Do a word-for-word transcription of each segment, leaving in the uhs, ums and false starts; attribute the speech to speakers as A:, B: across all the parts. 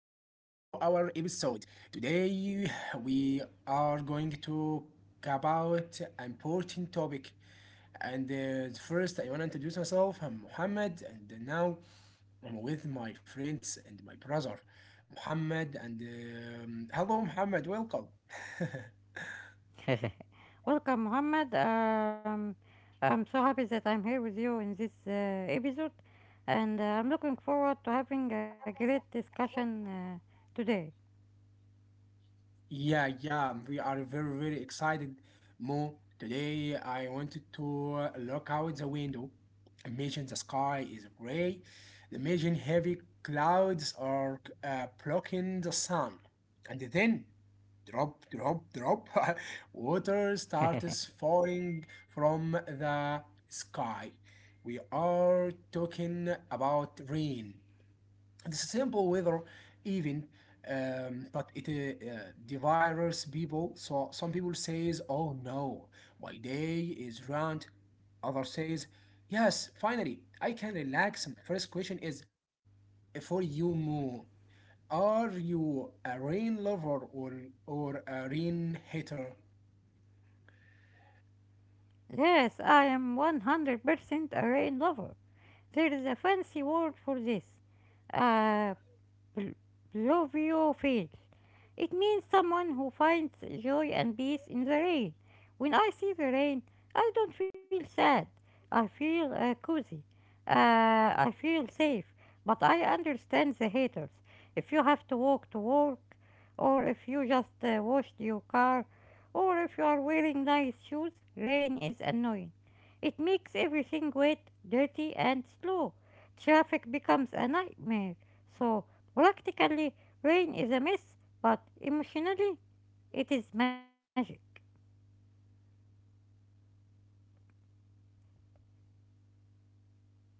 A: our episode. Today, we are going to talk about an important topic. And uh, first, I want to introduce myself. I'm Muhammad, and now I'm with my friends and my brother, Muhammad. And um, hello, Muhammad. Welcome.
B: Welcome, Muhammad. Um, I'm so happy that I'm here with you in this uh, episode, and uh, I'm looking forward to having a great discussion uh, today.
A: Yeah, yeah, we are very, very excited, Mo. Today I wanted to look out the window. Imagine the sky is gray. Imagine heavy clouds are uh, blocking the sun. And then, drop, drop, drop, water starts falling from the sky. We are talking about rain. It's a simple weather even, um, but it uh, uh, divides people. So some people says, "Oh no, my day is ruined." Other says, "Yes, finally, I can relax." And the first question is for you, Mo. Are you a rain lover or or a rain hater?
B: Yes, I am one hundred percent a rain lover. There is a fancy word for this. Uh, Pl- Pluviophile. It means someone who finds joy and peace in the rain. When I see the rain, I don't feel sad. I feel uh, cozy. Uh, I feel safe. But I understand the haters. If you have to walk to work, or if you just uh, washed your car, or if you are wearing nice shoes, rain is annoying. It makes everything wet, dirty, and slow. Traffic becomes a nightmare. So Practically, rain is a myth, but emotionally, it is magic.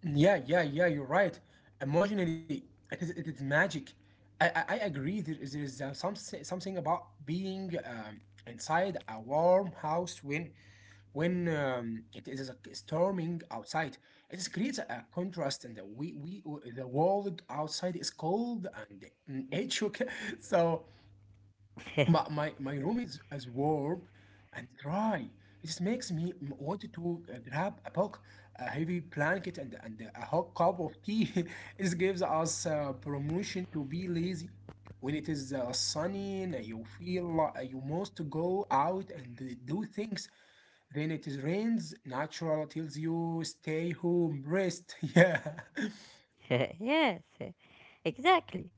A: Yeah, yeah, yeah, you're right. Emotionally, it is, it is magic. I, I, I agree. There is, there is uh, some, something about being um, inside a warm house when when um, it is uh, storming outside. It is creates a contrast, and the, we, we the world outside is cold and nature. So my, my, my room is as warm and dry. This makes me m- want to uh, grab a book, a heavy blanket, and, and a hot cup of tea. This gives us uh, promotion to be lazy. When it is uh, sunny, and you feel li- uh, you must go out and uh, do things. Then it is rains. Natural tells you stay home, rest. Yeah.
B: Yes, exactly.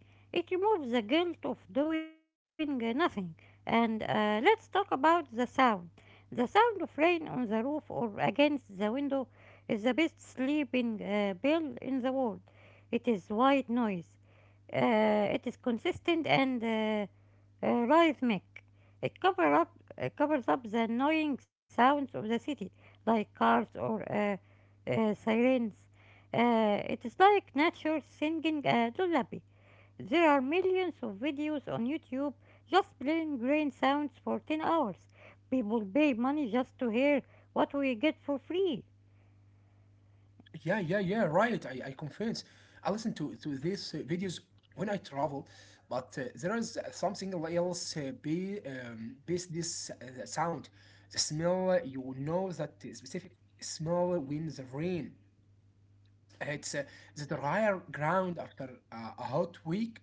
B: It removes the guilt of doing uh, nothing. And uh, let's talk about the sound. The sound of rain on the roof or against the window is the best sleeping uh, bell in the world. It is white noise. Uh, it is consistent and uh, uh, rhythmic. It cover up it covers up the annoying sounds of the city, like cars or uh, uh, sirens. Uh, it is like nature singing a lullaby. There are millions of videos on YouTube just playing rain sounds for ten hours. People pay money just to hear what we get for free.
A: Yeah, yeah, yeah, right. I, I confess. I listen to, to these uh, videos when I travel, but uh, there is something else uh, be, um, base this uh, the sound. The smell, uh, you know that specific smell when the rain hits uh, the drier ground after uh, a hot week.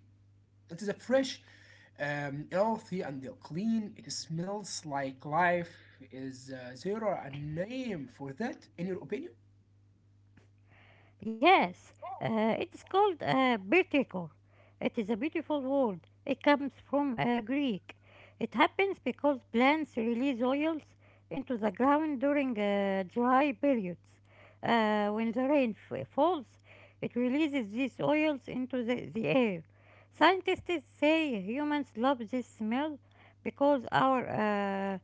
A: It is a fresh, um, healthy, and clean. It smells like life. Is uh, there a name for that, in your opinion?
B: Yes, uh, it is called uh, Bertikor. It is a beautiful word. It comes from uh, Greek. It happens because plants release oils into the ground during uh, dry periods. Uh, when the rain f- falls, it releases these oils into the, the air. Scientists say humans love this smell because our uh,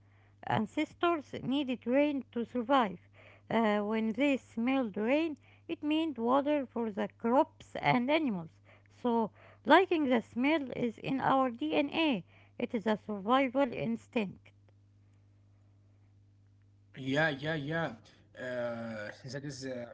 B: ancestors needed rain to survive. Uh, when they smelled rain, it meant water for the crops and animals. So, liking the smell is in our D N A. It is a survival instinct.
A: Yeah, yeah, yeah. Uh, that is uh,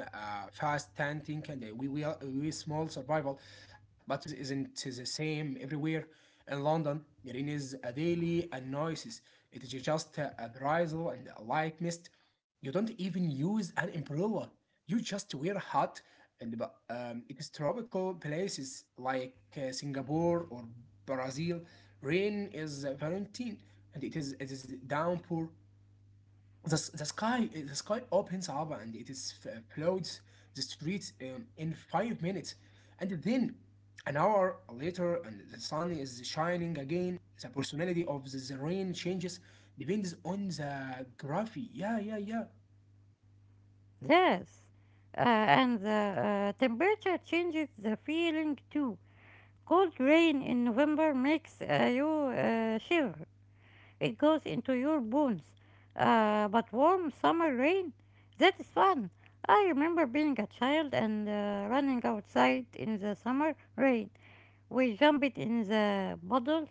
A: uh, fast tanting, and uh, we we are we small survival, but rains isn't the same everywhere. In London, rain is a daily annoyance. It is just a, a drizzle and a light mist. You don't even use an umbrella. You just wear hat, and but um, it is tropical places like uh, Singapore or Brazil. Rain is uh, Valentine, and it is it is downpour. The, s- the sky the sky opens up and it is f- floods the streets um, in five minutes and then an hour later and the sun is shining again, the personality of the, the rain changes depends on the gravity. Yeah, yeah, yeah.
B: Yes. Uh, and the uh, temperature changes the feeling too. Cold rain in November makes uh, you uh, shiver. It goes into your bones. Uh, but warm summer rain, that is fun. I remember being a child and uh, running outside in the summer rain. We jumped in the puddles.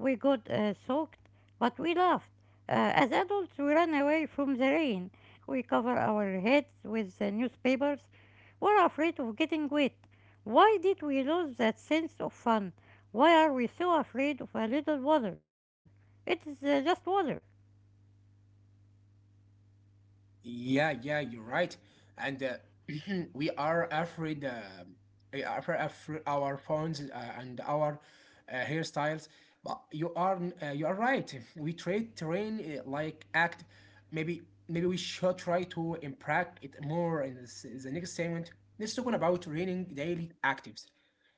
B: We got uh, soaked, but we laughed. Uh, as adults, we ran away from the rain. We cover our heads with the newspapers. We're afraid of getting wet. Why did we lose that sense of fun? Why are we so afraid of a little water? It's uh, just water.
A: Yeah, yeah, you're right. And uh, we are afraid, uh, we are afra- afra- our phones uh, and our uh, hairstyles. But you are uh, you are right. We trade terrain uh, like act. Maybe maybe we should try to impact it more in this, the next segment. Let's talk about training daily actives.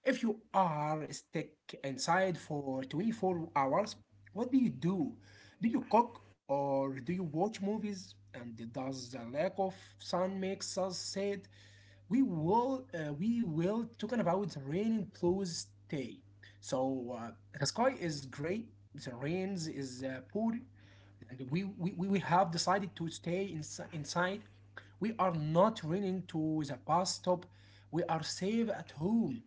A: If you are stuck inside for twenty-four hours, what do you do? Do you cook? Or do you watch movies, and does the lack of sun makes us sad? We will uh, we will talking about the rain in blues day. So uh, the sky is gray, the rains is uh, poor, and we, we we we have decided to stay insi- inside. We are not running to the bus stop. We are safe at home.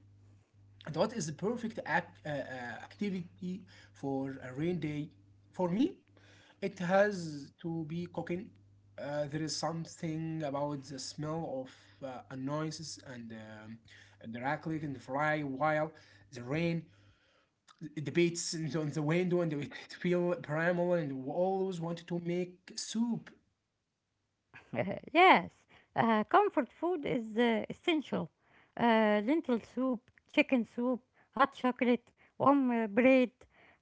A: And what is the perfect act, uh, uh, activity for a rain day? For me, it has to be cooking. Uh, there is something about the smell of uh, a noises and um, and the rackling and the fry while the rain debates on the window and it feel primal and we always wanted to make soup.
B: Yes, uh, comfort food is uh, essential. Uh, lentil soup, chicken soup, hot chocolate, warm uh, bread.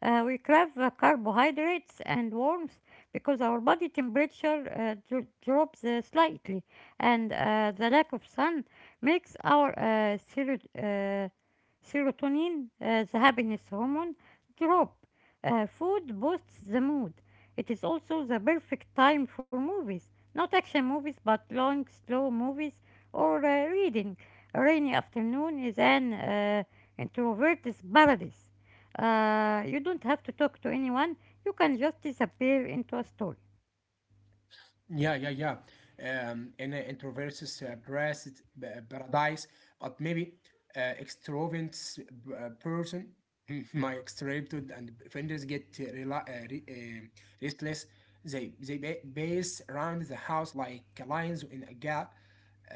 B: Uh, we crave uh, carbohydrates and warmth because our body temperature uh, dro- drops uh, slightly, and uh, the lack of sun makes our uh, sero- uh, serotonin, uh, the happiness hormone, drop. Uh, food boosts the mood. It is also the perfect time for movies, not action movies, but long, slow movies or uh, reading. A rainy afternoon is an uh, introvert's paradise. Uh, you don't have to talk to anyone, you can just disappear into a story.
A: Yeah, yeah, yeah. Um, in uh, introverts uh, paras- uh, paradise, but maybe uh, extroverts uh, person, my extroverted and friends get uh, rela- uh, re- uh, restless. They they ba- base around the house like lions in a gap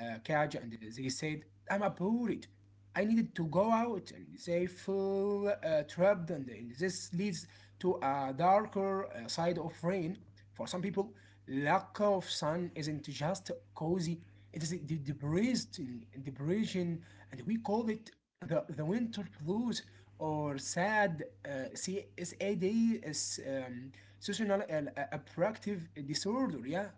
A: uh, cage and they said, I'm abhorred. I needed to go out and they feel uh, trapped, and, and this leads to a darker uh, side of rain. For some people, lack of sun isn't just cozy, it is the depressed depression and we call it the, the winter blues or sad uh, C S A D is um, seasonal uh, uh, affective disorder, yeah.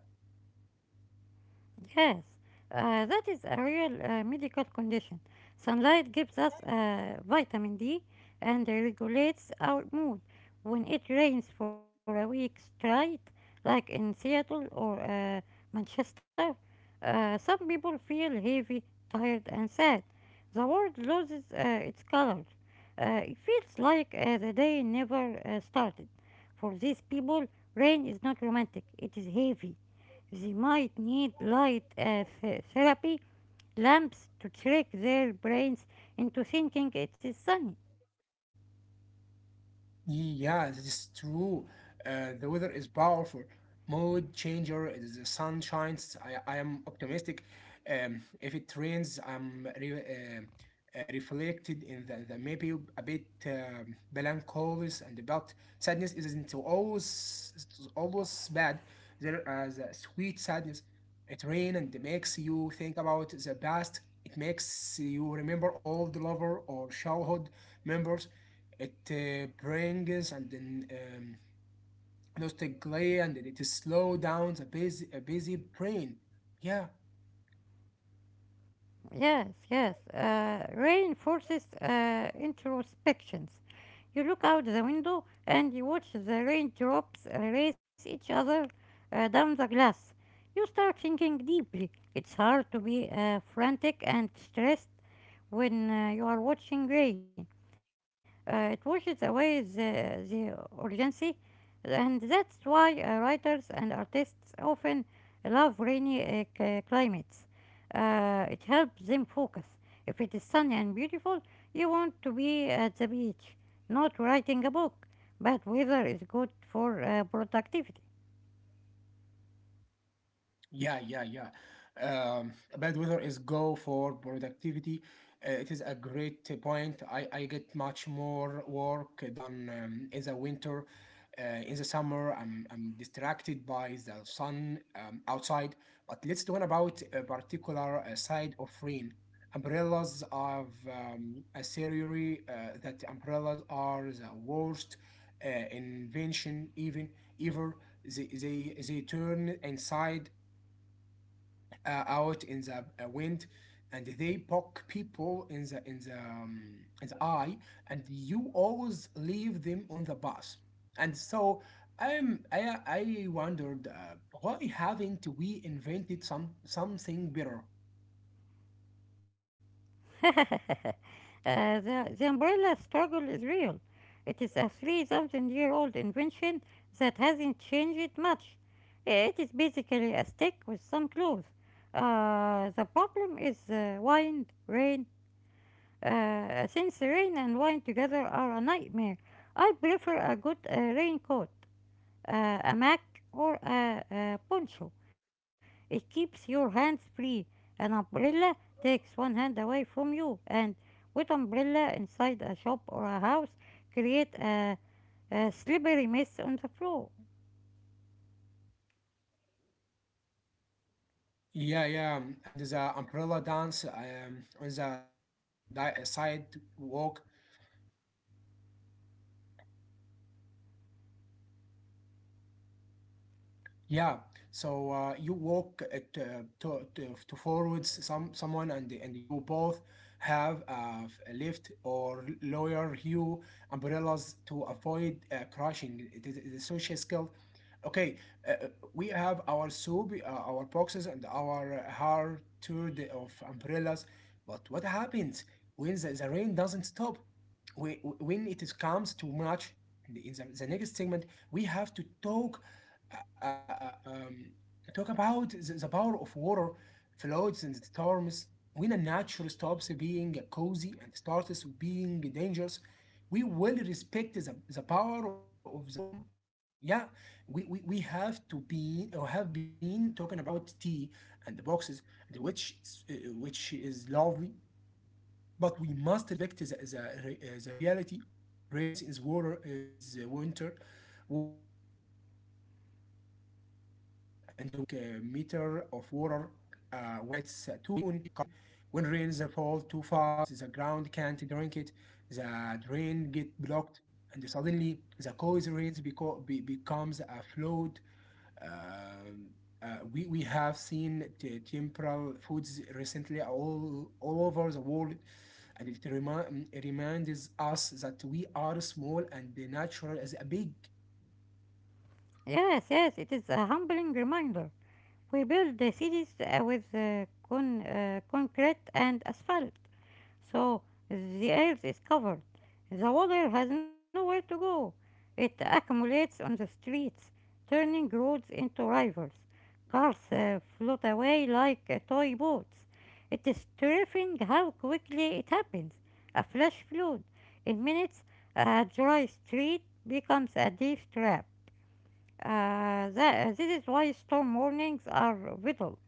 B: Yes, uh, that is a real uh, medical condition. Sunlight gives us uh, vitamin D and regulates our mood. When it rains for a week straight, like in Seattle or uh, Manchester, uh, some people feel heavy, tired, and sad. The world loses uh, its colors. Uh, it feels like uh, the day never uh, started. For these people, rain is not romantic, it is heavy. They might need light uh, th- therapy lamps to trick their brains into thinking it is sunny.
A: Yeah, it's true. Uh, the weather is powerful. Mood changer, is the sun shines. I, I am optimistic. Um, if it rains, I'm re um, uh, reflected in the, the maybe a bit um melancholy, and about sadness isn't always it's always bad. There is a sweet sadness. It rain and it makes you think about the past. It makes you remember all the lover or childhood members it uh, brings and then um, nostalgia and it slow down a busy, a busy brain. Yeah.
B: Yes, yes. Uh, reinforces uh, introspections. You look out the window and you watch the raindrops uh, race each other uh, down the glass. You start thinking deeply. It's hard to be uh, frantic and stressed when uh, you are watching rain. Uh, it washes away the, the urgency, and that's why uh, writers and artists often love rainy uh, c- climates. Uh, it helps them focus. If it is sunny and beautiful, you want to be at the beach, not writing a book. But weather is good for uh, productivity.
A: Yeah, yeah, yeah. Um, bad weather is go for productivity. Uh, it is a great point. I, I get much more work done um, in the winter. Uh, in the summer, I'm, I'm distracted by the sun um, outside. But let's talk about a particular uh, side of rain. Umbrellas have um, a theory uh, that umbrellas are the worst uh, invention even ever. They, they, they turn inside uh, out in the uh, wind and they poke people in the in the um, in the eye and you always leave them on the bus and so I'm I, I wondered, uh, why haven't we invented some something better?
B: Uh, the, the umbrella struggle is real. It is a three thousand year old invention that hasn't changed much. Uh, It is basically a stick with some clothes. Uh, the problem is uh, wind, rain. Uh, since rain and wine together are a nightmare, I prefer a good uh, raincoat, uh, a mac, or a, a poncho. It keeps your hands free. An umbrella takes one hand away from you, and with umbrella inside a shop or a house, create a, a slippery mess on the floor.
A: Yeah, yeah, and the umbrella dance um, on the, the, the sidewalk. Yeah, so uh, you walk it, uh, to, to to forwards some someone and and you both have uh, a lift or lower hue umbrellas to avoid uh, crashing. It is it is a social skill. Okay, uh, uh, we have our soup, uh, our boxes, and our hard tour of umbrellas. But what happens when the, the rain doesn't stop? Whe- When it is comes too much, and in the, the next segment, we have to talk uh, uh uh, um, talk about the the power of water, floods, and storms. When a nature stops being cozy and starts being dangerous, we will respect the, the power of the storm. Yeah, we, we, we have to be or have been talking about tea and the boxes, and which uh, which is lovely, but we must respect the, the, re- uh, the reality. Rains is water, uh, is uh, winter, water, and water is heavy. Once a cubic uh, meter of water uh, weighs a ton. When rains fall too fast, the ground can't drink it. The drain get blocked, and suddenly the cause rains beco- be- becomes a flood, um, uh, we, we have seen t- temporal foods recently all, all over the world, and it, remi- it reminds us that we are small and the natural is a big.
B: Yes, yes, it is a humbling reminder. We build the cities uh, with uh, con- uh, concrete and asphalt. So the earth is covered. The water has nowhere to go. It accumulates on the streets, turning roads into rivers. Cars uh, float away like uh, toy boats. It is terrifying how quickly it happens. A flash flood. In minutes, a dry street becomes a deep trap. Uh, tha- this is why storm warnings are vital.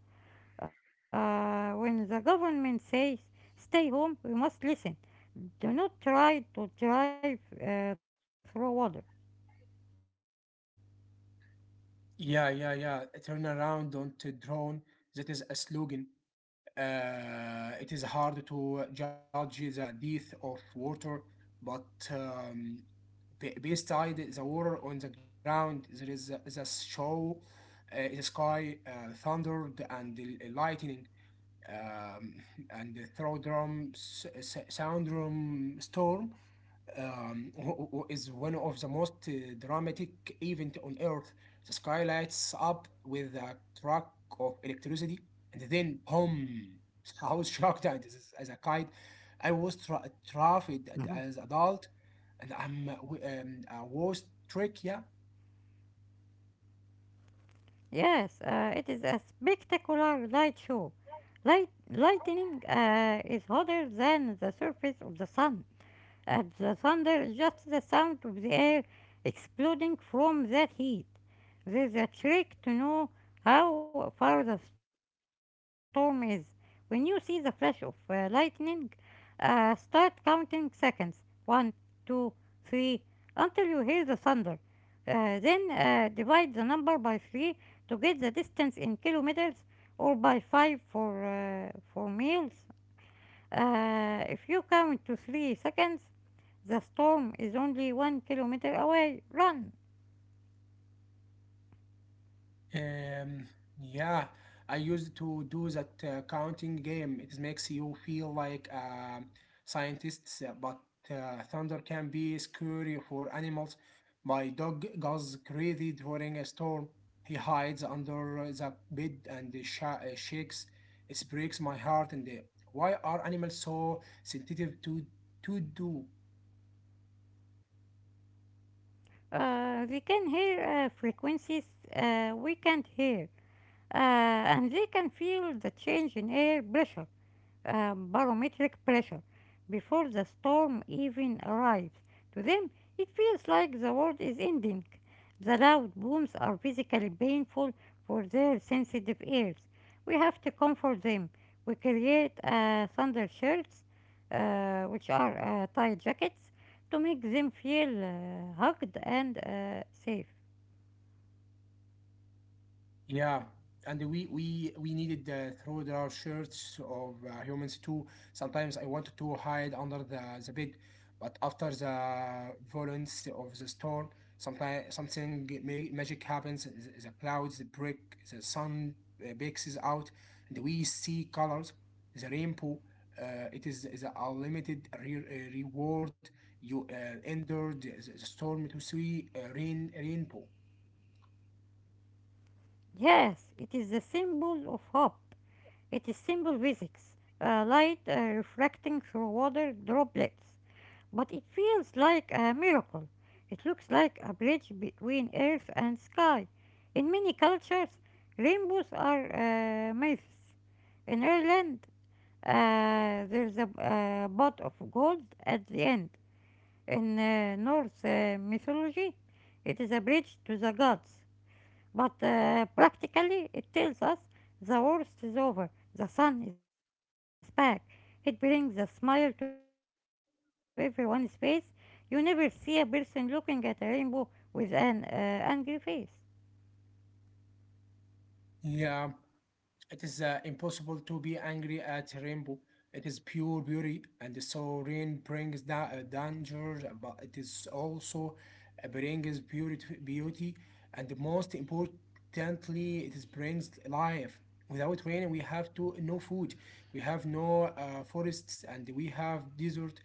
B: Uh, when the government says stay home, we must listen. Do not try to drive uh, through water.
A: Yeah, yeah, yeah. Turn around, don't drown. That is a slogan. Uh, it is hard to judge the depth of water, but um, be- beside the water on the ground, there is a- the show, uh, the sky, uh, thunder, and the uh, lightning, um, and the throw drum, s- s- sound drum storm um, wh- wh- is one of the most uh, dramatic event on Earth. The sky lights up with a truck of electricity, and then boom! I was shocked at this- as a kid. I was tra- terrified
B: Mhm.
A: as adult, and I'm uh, w- um, I was trick, yeah.
B: Yes, uh, it is a spectacular light show. Light, lightning uh, is hotter than the surface of the sun. At the thunder is just the sound of the air exploding from that heat. There's a trick to know how far the storm is. When you see the flash of uh, lightning, uh, start counting seconds one, two, three, until you hear the thunder. Uh, then uh, divide the number by three to get the distance in kilometers or by five for, uh, for miles. Uh, if you count to three seconds, the storm is only one kilometer away. Run!
A: Um, yeah, I used to do that uh, counting game. It makes you feel like a scientist. Uh, but uh, thunder can be scary for animals. My dog goes crazy during a storm. He hides under the bed and uh, sha uh, shakes. It breaks my heart. And uh, why are animals so sensitive to to do?
B: Uh, they can hear uh, frequencies uh, we can't hear, uh, and they can feel the change in air pressure, a barometric pressure before the storm even arrives. To them, it feels like the world is ending. The loud booms are physically painful for their sensitive ears. We have to comfort them. We create uh, thunder shirts, uh, which are uh, tight jackets, to make them feel uh, hugged and uh, safe.
A: Yeah, and we we we needed uh, throw our shirts of uh, humans too. Sometimes I wanted to hide under the the bed, but after the violence of the storm, sometimes something ma- magic happens. The the clouds break, the sun uh, bakes is out, and we see colors. The rainbow. Uh, it is the unlimited re- uh, reward. You uh, endured the, the storm to see uh, rain rainbow.
B: Yes, it is the symbol of hope. It is simple physics, uh, light uh, refracting through water droplets. But it feels like a miracle. It looks like a bridge between earth and sky. In many cultures, rainbows are uh, myths. In Ireland, uh, there's a uh, pot of gold at the end. In uh, Norse uh, mythology, it is a bridge to the gods. But uh, practically, it tells us the worst is over, the sun is back. It brings a smile to everyone's face. You never see a person looking at a rainbow with an uh, angry face.
A: Yeah, it is uh, impossible to be angry at rainbow. It is pure beauty, and so rain brings da- uh, danger, but it is also uh, brings beauty, beauty, and most importantly, it is brings life. Without rain, we have to no food, we have no uh, forests, and we have desert.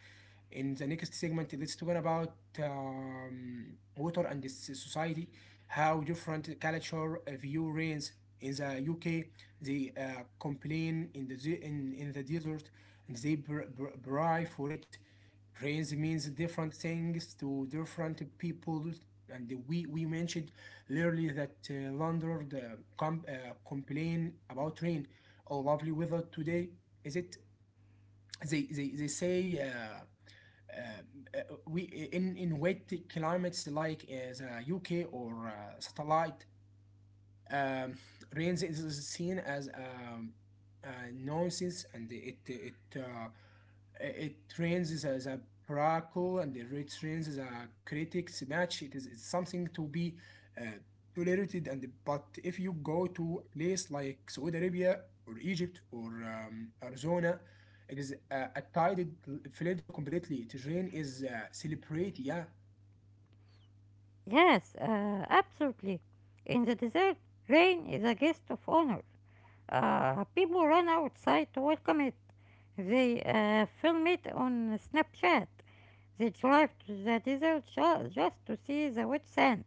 A: In the next segment, let's talk about um, water and this society, how different culture uh, view rains in the U K, they uh, complain in the de- in, in the desert and they br- br- pray for it. Praise means different things to different people, and we we mentioned earlier that uh, London uh, com- uh, complain about rain. Oh, lovely weather today. Is it? They they they say. Uh, uh, uh, we in in wet climates like uh, the U K or uh, satellite um, Reigns is seen as um, a nonsense, and it it uh, it trains as a braco and it retrains as a critics match. It is it's something to be uh, tolerated, and but if you go to a place like Saudi Arabia or Egypt or um, Arizona, it is a, a tided field completely. Terrain is uh, celebrate, yeah.
B: Yes, uh, absolutely. In the desert, rain is a guest of honor. Uh, people run outside to welcome it. They uh, film it on Snapchat. They drive to the desert ju- just to see the wet sand.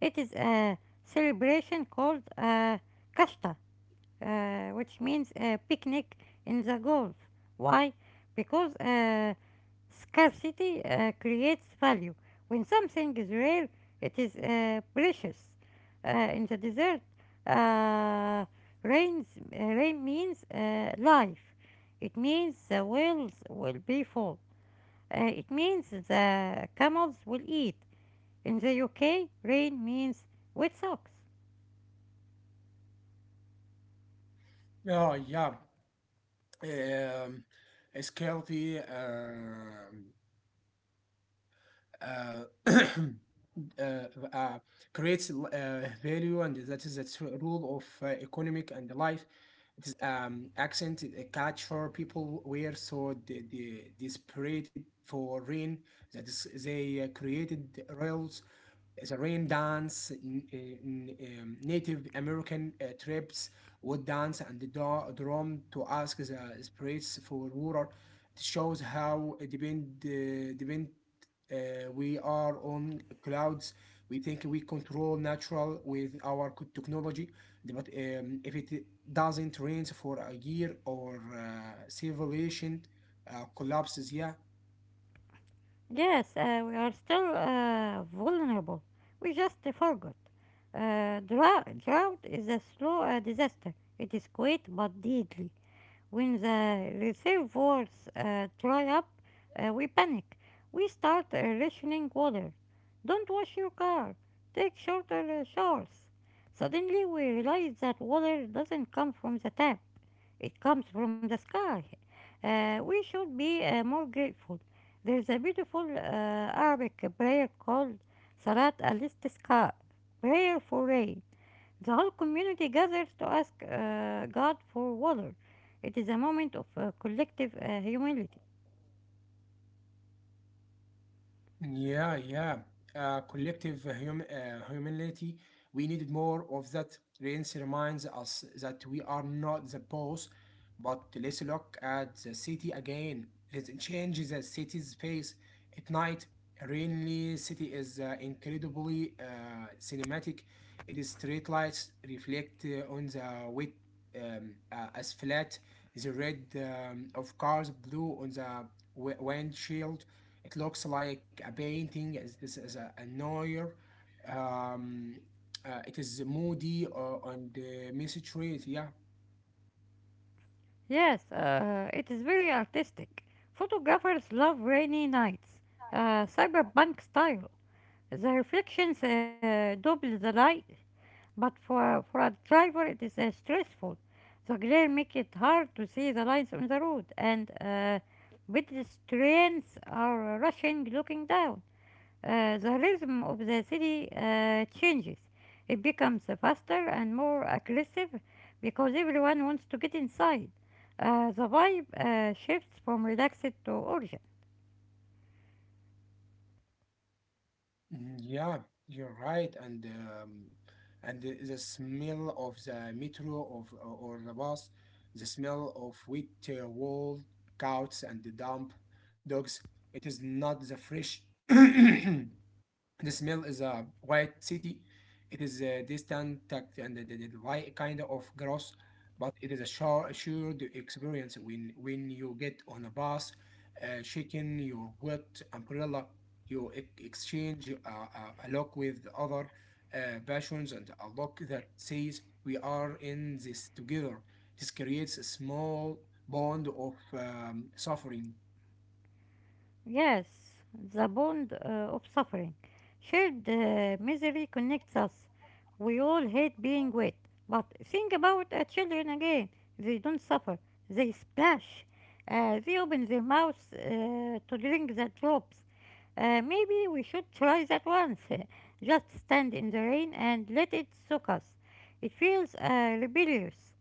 B: It is a celebration called uh, kashta, uh, which means a picnic in the Gulf. Why? Because uh, scarcity uh, creates value. When something is rare, it is uh, precious. Uh, in the desert, uh, rains, uh, rain means uh, life. It means the wells will be full. Uh, it means the camels will eat. In the U K, rain means wet socks.
A: Oh yeah, آآ، Scarity, ehm uh, uh, uh, creates uh, value, and that is the tr- rule of uh, economic and life. It is um, accent, a culture people were so de- de- desperate for rain that is, they uh, created the rails. There's rain dance, n- eh, n- um, Native American uh, tribes would dance and the dra- drum to ask the spirits for water. It shows how depend, uh, depend uh, we are on clouds. We think we control natural with our co- technology, but um, if it doesn't rain for a year or uh, civilization uh, collapses, yeah.
B: Yes, uh, we are still uh, vulnerable. We just uh, forgot. Uh, drought, drought is a slow uh, disaster. It is quick but deadly. When the reservoirs uh, dry up, uh, we panic. We start uh, rationing water. Don't wash your car. Take shorter uh, showers. Suddenly, we realize that water doesn't come from the tap. It comes from the sky. Uh, we should be uh, more grateful. There is a beautiful uh, Arabic prayer called Salat al Istisqa, prayer for rain. The whole community gathers to ask uh, God for water. It is a moment of uh, collective uh, humility.
A: Yeah, yeah. Uh, collective uh, hum uh, humility. We needed more of that. Rains reminds us that we are not the boss, but let's look at the city again. Let's change the city's face at night. Rainly city is uh, incredibly uh, cinematic. It is street lights reflect uh, on the wet um, uh, asphalt, the red um, of cars, blue on the wi- windshield it looks like a painting. As this is a, a Neuer. Um, uh, it is moody uh, on the mysterious. Yeah.
B: Yes, uh, it is very artistic. Photographers love rainy nights, uh, cyberpunk style. The reflections uh, double the light. But for, for a driver, it is uh, stressful. The glare make it hard to see the lines on the road, and uh, pedestrians are rushing, looking down. Uh, the rhythm of the city uh, changes. It becomes faster and more aggressive because everyone wants to get inside. Uh, the vibe uh, shifts from relaxed to urgent.
A: Mm, yeah, you're right. And um, and the, the smell of the metro of uh, or the bus, the smell of wet uh, wall, couch, and the damp dogs. It is not the fresh. The smell is a white city. It is a distant tact and the, the, the light kind of gross, but it is a sure, assured experience when when you get on a bus, uh, shaking your wet umbrella, you e- exchange a, a, a look with the other uh, passions and a look that says we are in this together. This creates a small bond of um, suffering.
B: Yes, the bond uh, of suffering. Shared uh, misery connects us. We all hate being wet, but think about uh, children again. They don't suffer, they splash. Uh, they open their mouths uh, to drink the drops. Uh, maybe we should try that once. Just stand in the rain and let it soak us. It feels uh, rebellious.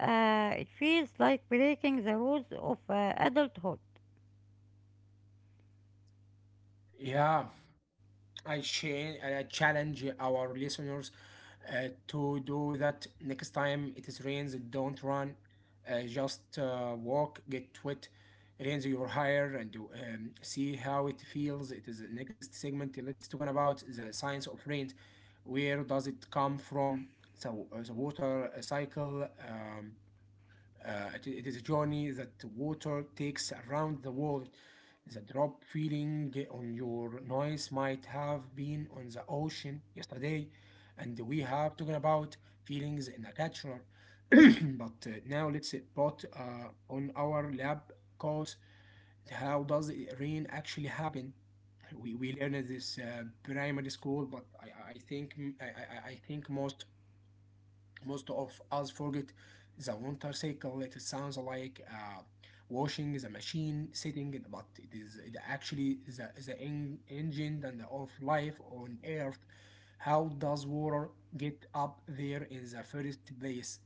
B: Uh, it feels like breaking the rules of uh, adulthood.
A: Yeah. I, cha- I challenge our listeners uh, to do that next time it is rains. Don't run, uh, just uh, walk, get wet, raise your hair, and do, um, see how it feels. It is the next segment. Let's talk about the science of rain. Where does it come from? So uh, the water cycle. Um, uh, it, it is a journey that water takes around the world. The drop feeling on your noise might have been on the ocean yesterday, and we have talked about feelings in a culture. but uh, now let's put uh, on our lab coats. How does rain actually happen? We, we learned this uh, primary school, but I, I I think I, I, I think most most of us forget the winter cycle. It sounds like uh, washing the machine, sitting, but it is it actually the, the en- engine and of life on Earth. How does water get up there in the first place?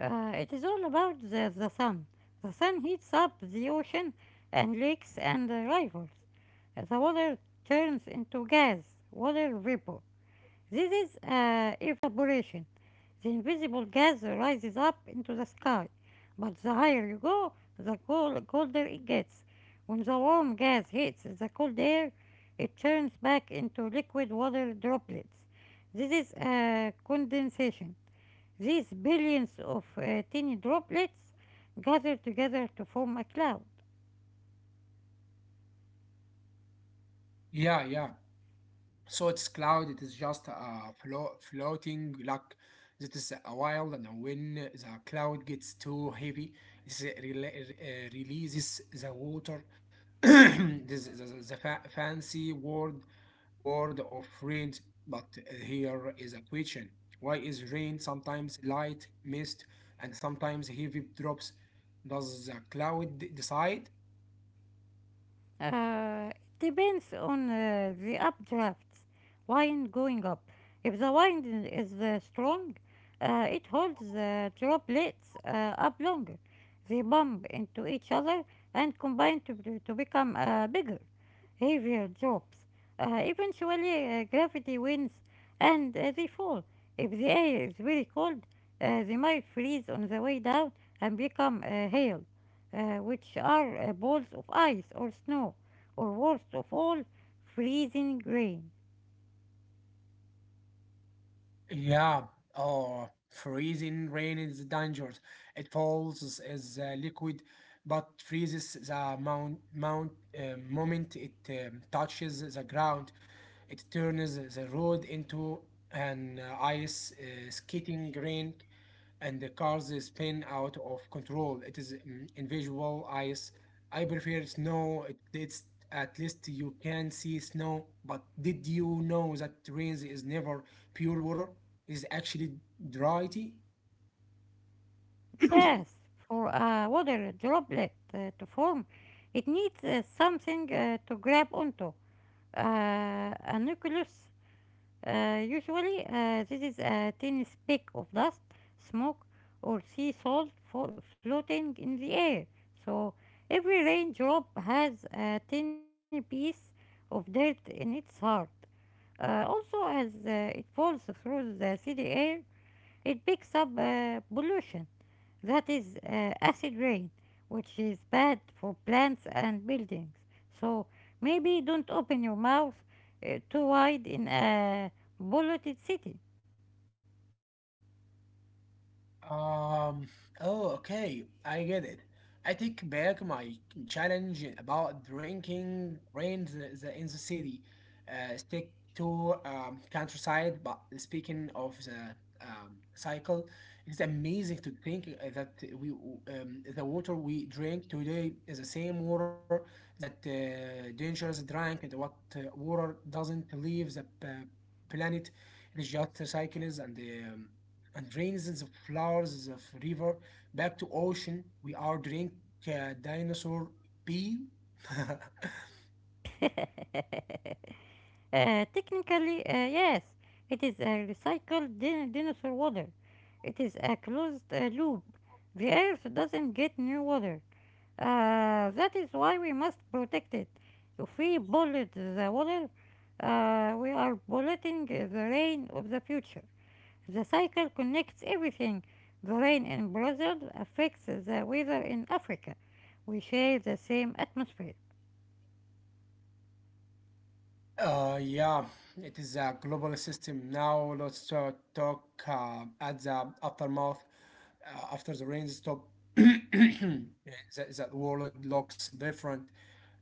B: Uh, it is all about the, the sun. The sun heats up the ocean and lakes and uh, rivers. Uh, The water turns into gas, water vapor. This is uh, evaporation. The invisible gas rises up into the sky, but the higher you go, the cold, colder it gets. When the warm gas hits the cold air, it turns back into liquid water droplets. This is uh, condensation. These billions of uh, tiny droplets gather together to form a cloud.
A: Yeah, yeah. So it's cloud. It is just uh, flo- floating like that is a while. And when the cloud gets too heavy, it rela- uh, releases the water. this is the, the fa- fancy word word of rain. But here is a question: Why is rain sometimes light mist and sometimes heavy drops? Does the cloud decide?
B: Uh, it depends on uh, the updrafts, wind going up. If the wind is uh, strong, uh, it holds the droplets uh, up longer. They bump into each other and combine to, b- to become uh, bigger, heavier drops. Uh, eventually, uh, gravity wins and uh, they fall. If the air is very cold, uh, they might freeze on the way down and become uh, hail uh, which are uh, balls of ice or snow, or worst of all, freezing rain.
A: Yeah. Oh, freezing rain is dangerous. It falls as uh, liquid, but freezes the mount, mount uh, moment it um, touches the ground. It turns the road into an uh, ice uh, skating rink, and the cars spin out of control. It is mm, invisible ice. I prefer snow. It, it's at least you can see snow. But did you know that rain is never pure water? Is actually dry tea
B: Yes, for a water droplet uh, to form, it needs uh, something uh, to grab onto, uh, a nucleus. Uh, usually, uh, this is a tiny speck of dust, smoke, or sea salt fo- floating in the air. So every raindrop has a tiny piece of dirt in its heart. Uh, also, as uh, it falls through the city air, it picks up uh, pollution, that is, uh, acid rain, which is bad for plants and buildings. So maybe don't open your mouth uh, too wide in a polluted city.
A: Um, oh, okay, I get it. I take back my challenge about drinking rain the, the, in the city. Uh, stick to um, countryside, but speaking of the um, cycle, it's amazing to think uh, that we w- um, the water we drink today is the same water that uh, dangers drank and what uh, water doesn't leave the p- planet. It is just cycles and um, and rains of flowers of river back to ocean we are drink uh, dinosaur pee
B: Uh, technically, uh, yes, it is a recycled din- dinosaur water. It is a closed uh, loop. The earth doesn't get new water. Uh, that is why we must protect it. If we pollute the water, uh, we are polluting the rain of the future. The cycle connects everything. The rain in Brazil affects the weather in Africa. We share the same atmosphere.
A: Uh, yeah, it is a global system. Now let's uh, talk uh, at the aftermath uh, after the rain stop. the, the world looks different.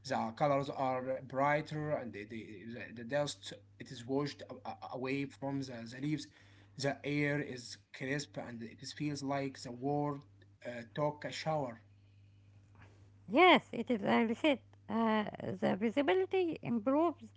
A: The colors are brighter, and the, the, the, dust it is washed a- a- away from the, the leaves. The air is crisp, and it is- feels like the world uh, took a shower.
B: Yes, it is a reset. Uh, the visibility improves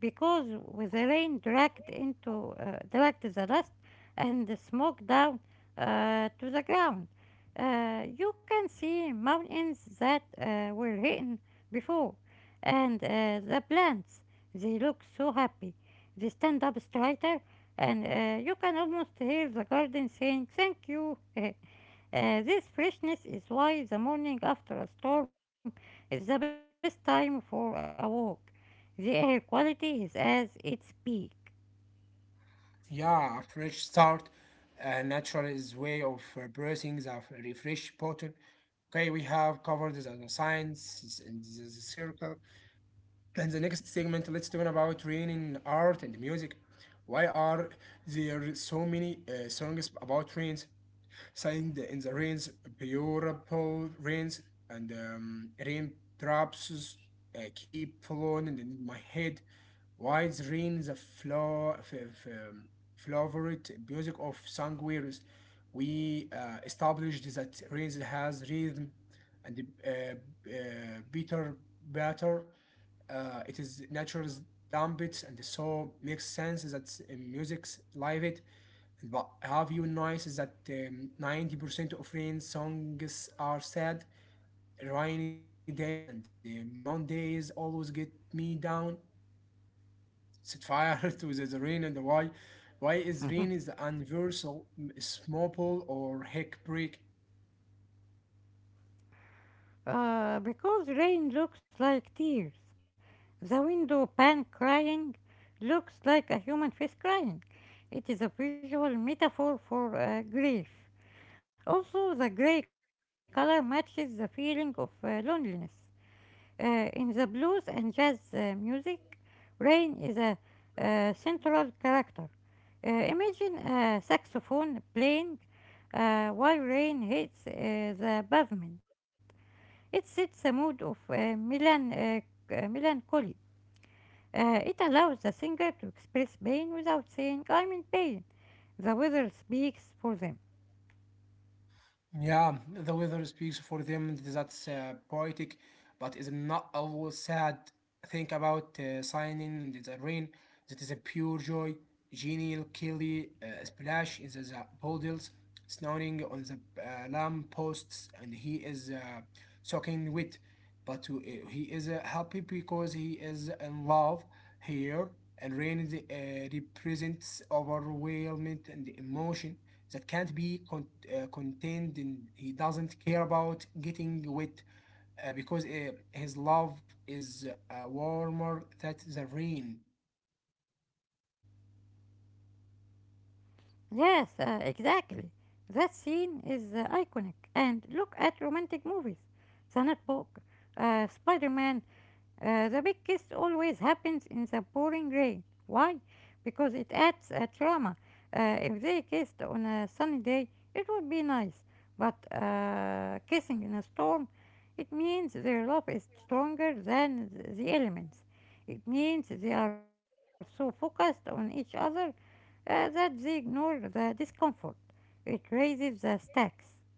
B: because with the rain dragged into uh, dragged the dust and the smoke down uh, to the ground. Uh, you can see mountains that uh, were hidden before, and uh, the plants. They look so happy. They stand up straighter, and uh, you can almost hear the garden saying "Thank you." Uh, this freshness is why the morning after a storm is the best time for a walk. The air quality is at its peak.
A: Yeah, a fresh start, uh, natural is way of uh, pressing the f- refresh button. Okay, we have covered the science and the the circle. And the next segment, let's talk about training art and music. Why are there so many uh, songs about trains? Sighing in the rains, beautiful rains, and um, raindrops uh, keep falling in my head. While the rain the flow, f- f- um, favorite music of songwriters? We uh, established that rains has rhythm and uh, uh, better, better. Uh, it is nature's dumb bits, and so makes sense that in music's live it but have you noticed that um, ninety percent of rain songs are sad? Rainy days and the mo- Mondays always get me down. Set fire to the, the rain and why? Why is rain is the universal m- small pole or heck break?
B: Uh, because rain looks like tears. The window pan crying looks like a human face crying. It is a visual metaphor for uh, grief. Also, the gray color matches the feeling of uh, loneliness. Uh, in the blues and jazz uh, music, rain is a uh, central character. Uh, imagine a saxophone playing uh, while rain hits uh, the pavement. It sets a mood of uh, melan- uh, c- uh, melancholy. Uh, it allows the singer to express pain without saying, I'm in pain. The weather speaks for them.
A: Yeah, the weather speaks for them. That's uh, poetic, but is not always sad. Think about uh, signing in the rain. That is a pure joy. Genial Kelly uh, splash in the, the puddles, snowing on the uh, lamp posts, and he is uh, soaking wet but to, uh, he is uh, happy because he is in love here and rain is, uh, represents overwhelming and emotion that can't be con- uh, contained and he doesn't care about getting wet uh, because uh, his love is uh, warmer than the rain
B: Yes, uh, exactly. That scene is uh, iconic. And look at romantic movies The Notebook, uh, Spider Man. Uh, the big kiss always happens in the pouring rain. Why? Because it adds a drama. Uh, if they kissed on a sunny day, it would be nice. But uh, kissing in a storm, it means their love is stronger than th- the elements. It means they are so focused on each other uh, that they ignore the discomfort. It raises the stakes.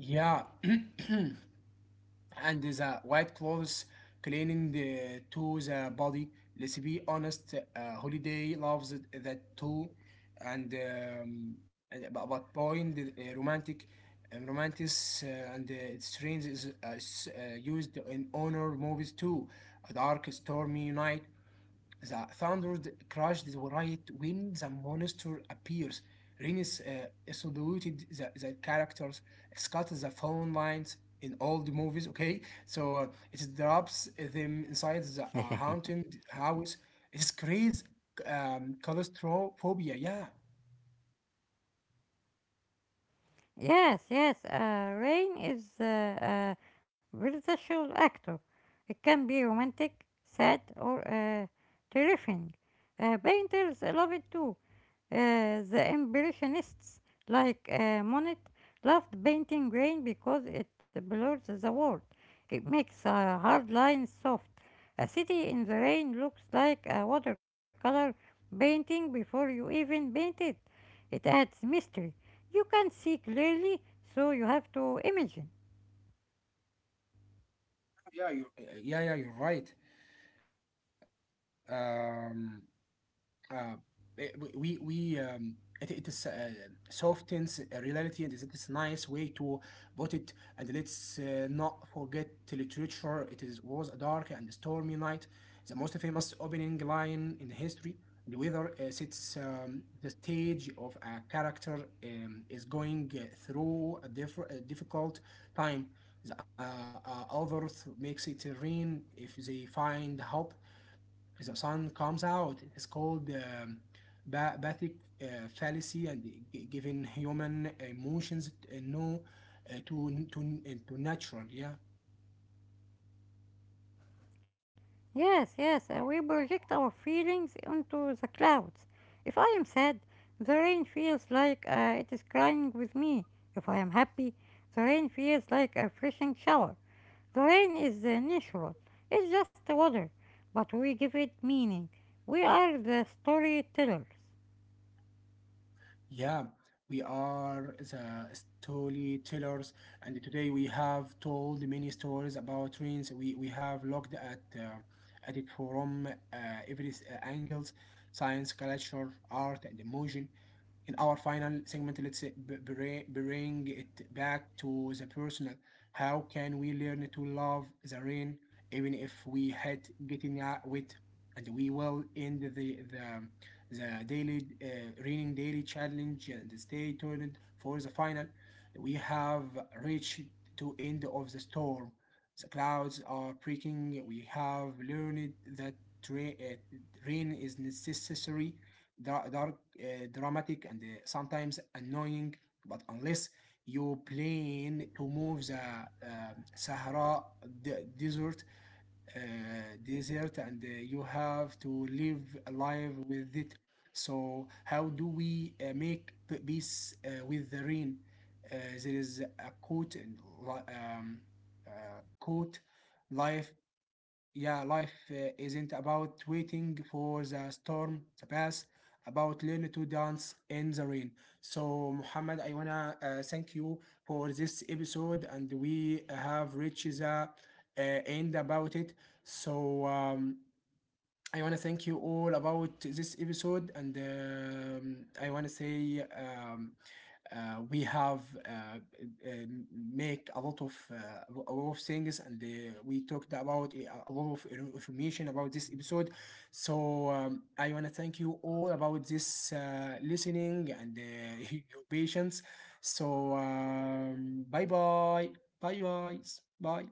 A: yeah and the white clothes cleaning the, to the body. Let's be honest, uh, Holiday loves it- that too, and um, and- but, but point uh, romantic, um, romantic uh, and uh, its strange is uh, s- uh, used in honor movies too. A dark, stormy night the thunder crashed right when the monster appears. Rhaenys uh, saluted the, the characters. It the phone lines in all the movies, okay? So uh, it drops them inside the uh, haunted house. It's crazy um, claustrophobia. Yeah,
B: Yes, yes, uh, Rain is uh, a versatile actor. It can be romantic, sad, or uh, terrifying. Uh, painters love it too. Uh, the Impressionists, like uh, Monet, loved painting rain because it blurs the world. It makes uh, hard lines soft. A city in the rain looks like a watercolor painting before you even paint it. It adds mystery. You can not see clearly, so you have to imagine.
A: yeah, you, yeah, yeah. You're right. Um, Uh, eh, we we we, um, it, it is uh, softens reality and that is nice way to put it and let's uh, not forget the literature it is was a dark and stormy night the most famous opening line in history the weather uh, sets um, the stage of a character um, is going uh, through a, diff- a difficult time the, uh, uh, other th- makes it rain if they find hope the sun comes out. It is called um, ba- bathic uh, fallacy and g- giving human emotions uh, no uh, to, to, uh, to natural. Yeah.
B: Yes, yes, uh, we project our feelings onto the clouds. If I am sad, the rain feels like uh, it is crying with me. If I am happy, the rain feels like a refreshing shower. The rain is uh, natural, it's just water, but we give it meaning. We are the storytellers.
A: Yeah. We are the storytellers, and today we have told many stories about trains. We, we have looked at uh, at it from uh, every uh, angles, science, culture, art, and emotion. In our final segment, let's bring it back to the personal. How can we learn to love the rain, even if we hate getting out wet? And we will end the the, the daily uh, reading daily challenge and stay tuned for the final. We have reached to end of the storm. The clouds are breaking. We have learned that uh, rain is necessary dra- dark, uh, dramatic, and uh, sometimes annoying. But unless you plan to move the um Sahara de- desert, uh, desert, and uh, you have to live alive with it. So, how do we uh, make p- peace uh, with the rain? Uh, there is a quote and li- um, uh, quote life yeah, life uh, isn't about waiting for the storm to pass, about learning to dance in the rain. So, Muhammad, I wanna uh, thank you for this episode, and we have reached the uh, end about it. So, um, I want to thank you all about this episode, and um, I want to say um, uh, we have uh, uh, make a lot of uh, a lot of things, and uh, we talked about a a lot of information about this episode. So um, I want to thank you all about this uh, listening and uh, your patience. So um, bye bye, bye bye, bye.